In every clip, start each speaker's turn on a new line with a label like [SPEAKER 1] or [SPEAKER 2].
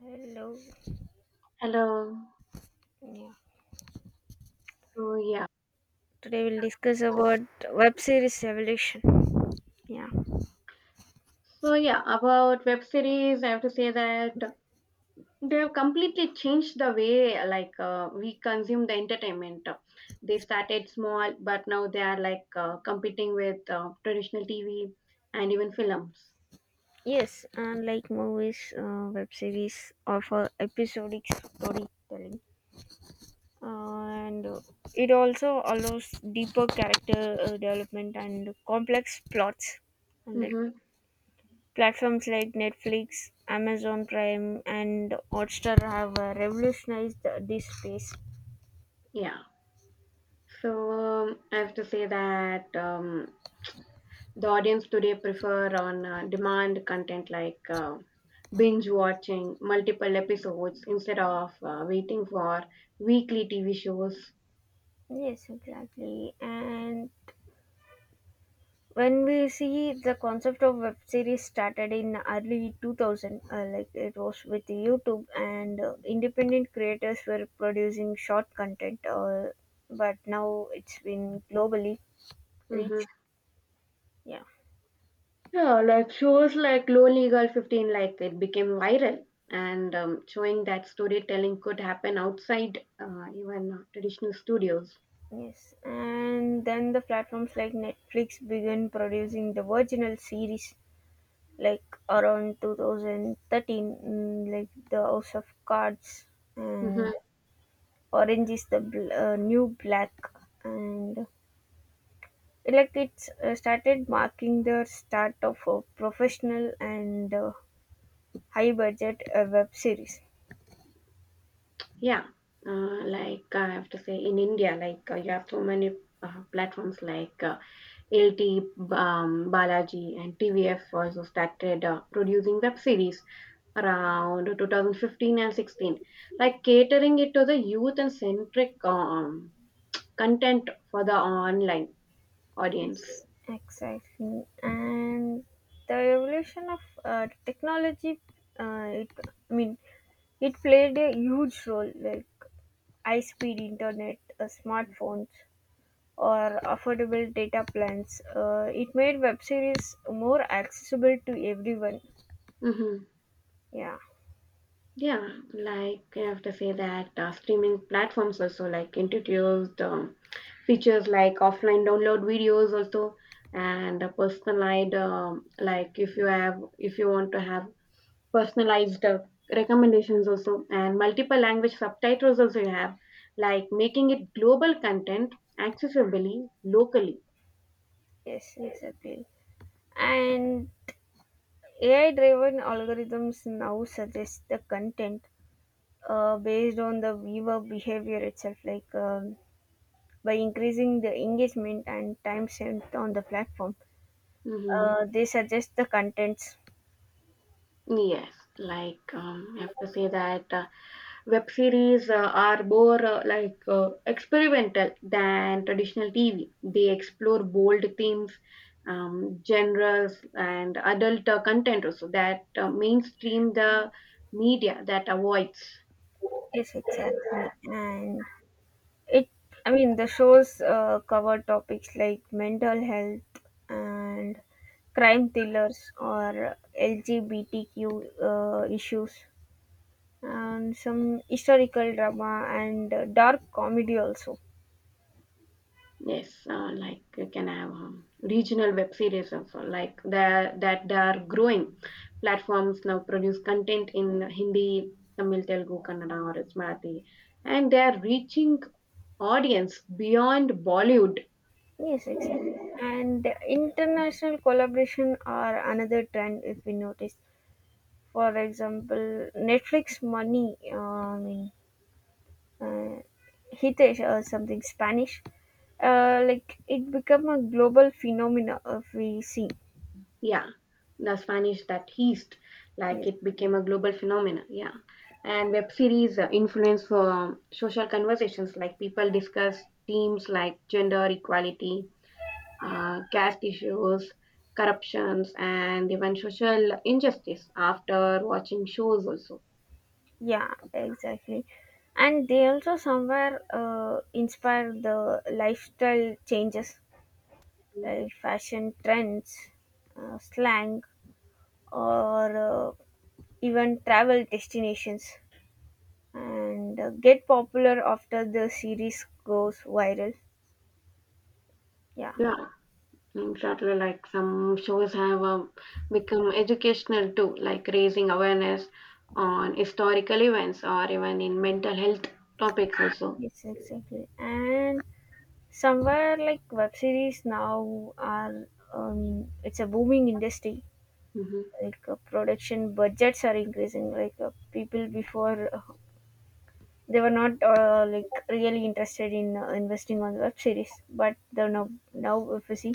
[SPEAKER 1] Hello.
[SPEAKER 2] Hello.
[SPEAKER 1] Yeah.
[SPEAKER 2] So yeah.
[SPEAKER 1] Today we'll discuss about web series evolution. Yeah.
[SPEAKER 2] So yeah, about web series, I have to say that they have completely changed the way we consume the entertainment. They started small, but now they are like competing with traditional TV and even films.
[SPEAKER 1] Yes, unlike movies, web series offer episodic storytelling, uh, and it also allows deeper character development and complex plots. And like
[SPEAKER 2] Mm-hmm.
[SPEAKER 1] platforms like Netflix, Amazon Prime, and Hotstar have revolutionized this space.
[SPEAKER 2] Yeah. So I have to say that the audience today prefer on demand content like binge watching multiple episodes instead of waiting for weekly TV shows.
[SPEAKER 1] Yes, exactly. And when we see, the concept of web series started in early 2000, like it was with youtube, and independent creators were producing short content, but now it's been globally
[SPEAKER 2] Hmm
[SPEAKER 1] reached. Yeah,
[SPEAKER 2] Yeah, like shows like Lonely Girl 15, like it became viral and showing that storytelling could happen outside even traditional studios.
[SPEAKER 1] yes. And then the platforms like netflix began producing the original series, like around 2013, like the house of cards, and
[SPEAKER 2] Hmm
[SPEAKER 1] orange is the new black, and Electrics started marking the start of a professional and high budget web series.
[SPEAKER 2] Yeah, like I have to say, in India, like you have so many platforms like LT, Balaji, and TVF also started producing web series around 2015 and 16, like catering it to the youth and centric content for the online audience.
[SPEAKER 1] Yes, exactly. And the evolution of technology, uh, it, I mean, it played a huge role, like high speed internet, smartphones, or affordable data plans. It made web series more accessible to everyone.
[SPEAKER 2] Hmm
[SPEAKER 1] Yeah,
[SPEAKER 2] Yeah, like I have to say that streaming platforms also like introduced features like offline download videos also and a personalized like if you want to have personalized recommendations also and multiple language subtitles also you have, like making it global content accessibly locally.
[SPEAKER 1] yes, exactly. And AI-driven algorithms now suggest the content based on the viewer behavior itself, like, by increasing the engagement and time spent on the platform.
[SPEAKER 2] Hmm
[SPEAKER 1] They suggest the contents.
[SPEAKER 2] Yes, like I have to say that web series are more experimental than traditional TV. They explore bold themes, genres, and adult content also that mainstream the media that avoids.
[SPEAKER 1] Yes, exactly. And it, the shows cover topics like mental health and crime thrillers or LGBTQ issues, and some historical drama and dark comedy also.
[SPEAKER 2] Yes, like you can have regional web series also, like that they are growing. Platforms now produce content in Hindi, Tamil, Telugu, Kannada, or it's Marathi, and they are reaching audience beyond Bollywood.
[SPEAKER 1] Yes, exactly. And international collaboration are another trend if we notice. For example, Netflix uh, Hitesh or something Spanish, like it become a global phenomena if we see.
[SPEAKER 2] Yeah, the Spanish that East, like
[SPEAKER 1] Yes.
[SPEAKER 2] it became a global phenomenon. Yeah, and web series influence social conversations, like people discuss themes like gender equality, caste issues, corruptions, and even social injustice after watching shows also.
[SPEAKER 1] Yeah, exactly. And they also somewhere inspire the lifestyle changes,
[SPEAKER 2] Mhm.
[SPEAKER 1] like fashion trends, slang, or even travel destinations, and get popular after the series goes viral. Yeah,
[SPEAKER 2] Yeah, exactly. Like some shows have become educational too, like raising awareness on historical events or even in mental health topics also.
[SPEAKER 1] yes, exactly. And somewhere like web series now are, um it's a booming industry.
[SPEAKER 2] Mm-hmm.
[SPEAKER 1] Like, production budgets are increasing. Like, people before, they were not like really interested in investing on web series, but now if you see,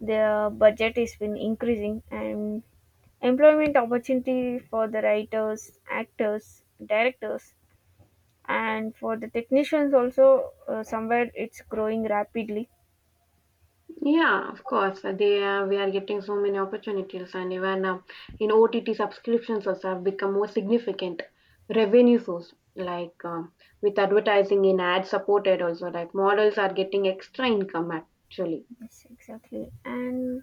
[SPEAKER 1] their budget has been increasing, and employment opportunity for the writers, actors, directors, and for the technicians also, somewhere it's growing rapidly.
[SPEAKER 2] Yeah, of course. They We are getting so many opportunities, and even in OTT subscriptions also have become more significant revenue source. Like with advertising in ad supported, also like models are getting extra income actually.
[SPEAKER 1] Yes, exactly. And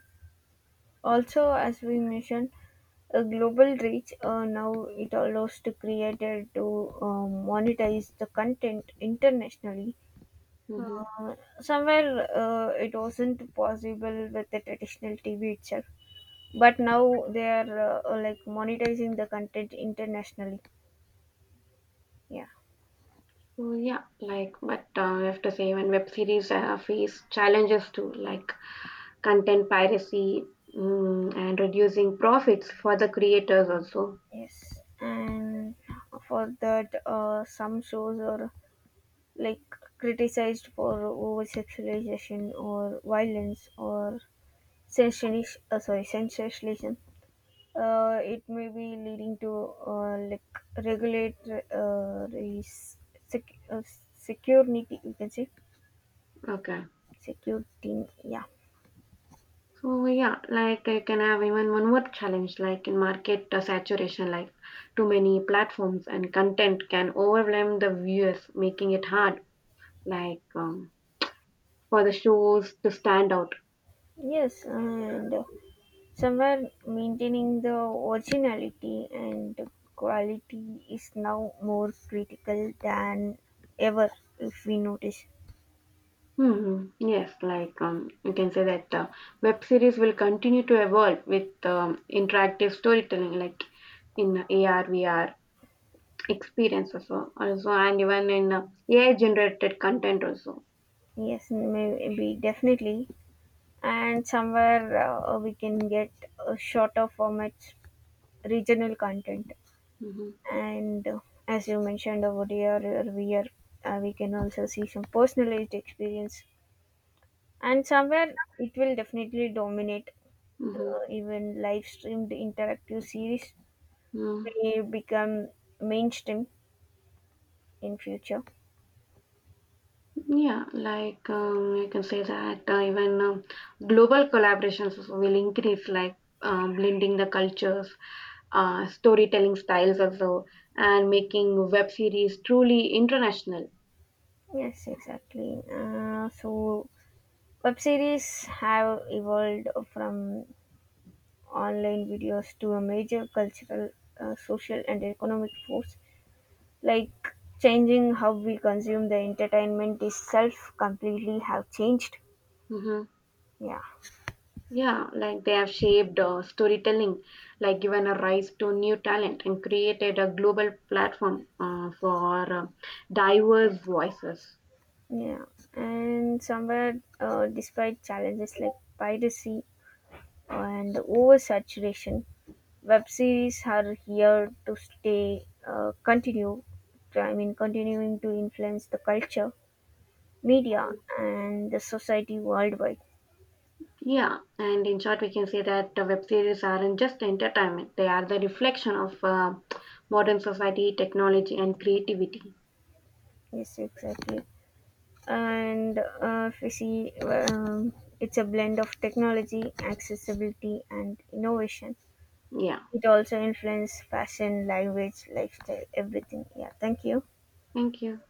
[SPEAKER 1] also, as we mentioned, a global reach, now it allows to creator to, monetize the content internationally.
[SPEAKER 2] Hmm
[SPEAKER 1] Somewhere it wasn't possible with the traditional TV itself, but now they are like monetizing the content internationally. Yeah,
[SPEAKER 2] So yeah, like but I have to say when web series face challenges too, like content piracy, mm, and reducing profits for the creators also.
[SPEAKER 1] yes. And for that, some shows are like criticized for over sexualization or violence or sensationis- sorry sensationalism. Uh, it may be leading to, like, regulate sec- uh, security, you can say.
[SPEAKER 2] Okay.
[SPEAKER 1] Security, yeah.
[SPEAKER 2] So yeah, like I can have even one more challenge, like in market saturation, like too many platforms and content can overwhelm the viewers, making it hard, like for the shows to stand out.
[SPEAKER 1] Yes, and somewhere maintaining the originality and quality is now more critical than ever, if we notice.
[SPEAKER 2] Hmm Yes, like you can say that web series will continue to evolve with interactive storytelling, like in AR, VR experience also, and even in AI-generated content also.
[SPEAKER 1] Yes, maybe definitely. And somewhere we can get shorter formats, regional content,
[SPEAKER 2] Hmm
[SPEAKER 1] and as you mentioned over here, uh, we are we can also see some personalized experience, and somewhere it will definitely dominate. uh,
[SPEAKER 2] hmm
[SPEAKER 1] Even live streamed interactive series may become mainstream in future.
[SPEAKER 2] Yeah, like I can say that even global collaborations also will increase, like blending the cultures, storytelling styles also, and making web series truly international.
[SPEAKER 1] Yes, exactly. So web series have evolved from online videos to a major cultural, social, and economic force, like changing how we consume the entertainment itself, completely have changed.
[SPEAKER 2] Hmm
[SPEAKER 1] Yeah,
[SPEAKER 2] Yeah, like they have shaped storytelling, like given a rise to new talent and created a global platform for diverse voices.
[SPEAKER 1] yeah. And somewhere, despite challenges like piracy and oversaturation, web series are here to stay, continue I mean continuing to influence the culture, media, and the society worldwide.
[SPEAKER 2] Yeah, and in short, we can say that the web series aren't just entertainment, they are the reflection of modern society, technology, and creativity.
[SPEAKER 1] Yes, exactly. And if you see, it's a blend of technology, accessibility, and innovation.
[SPEAKER 2] Yeah,
[SPEAKER 1] It also influences fashion, language, lifestyle, everything. Yeah, thank you.
[SPEAKER 2] thank you.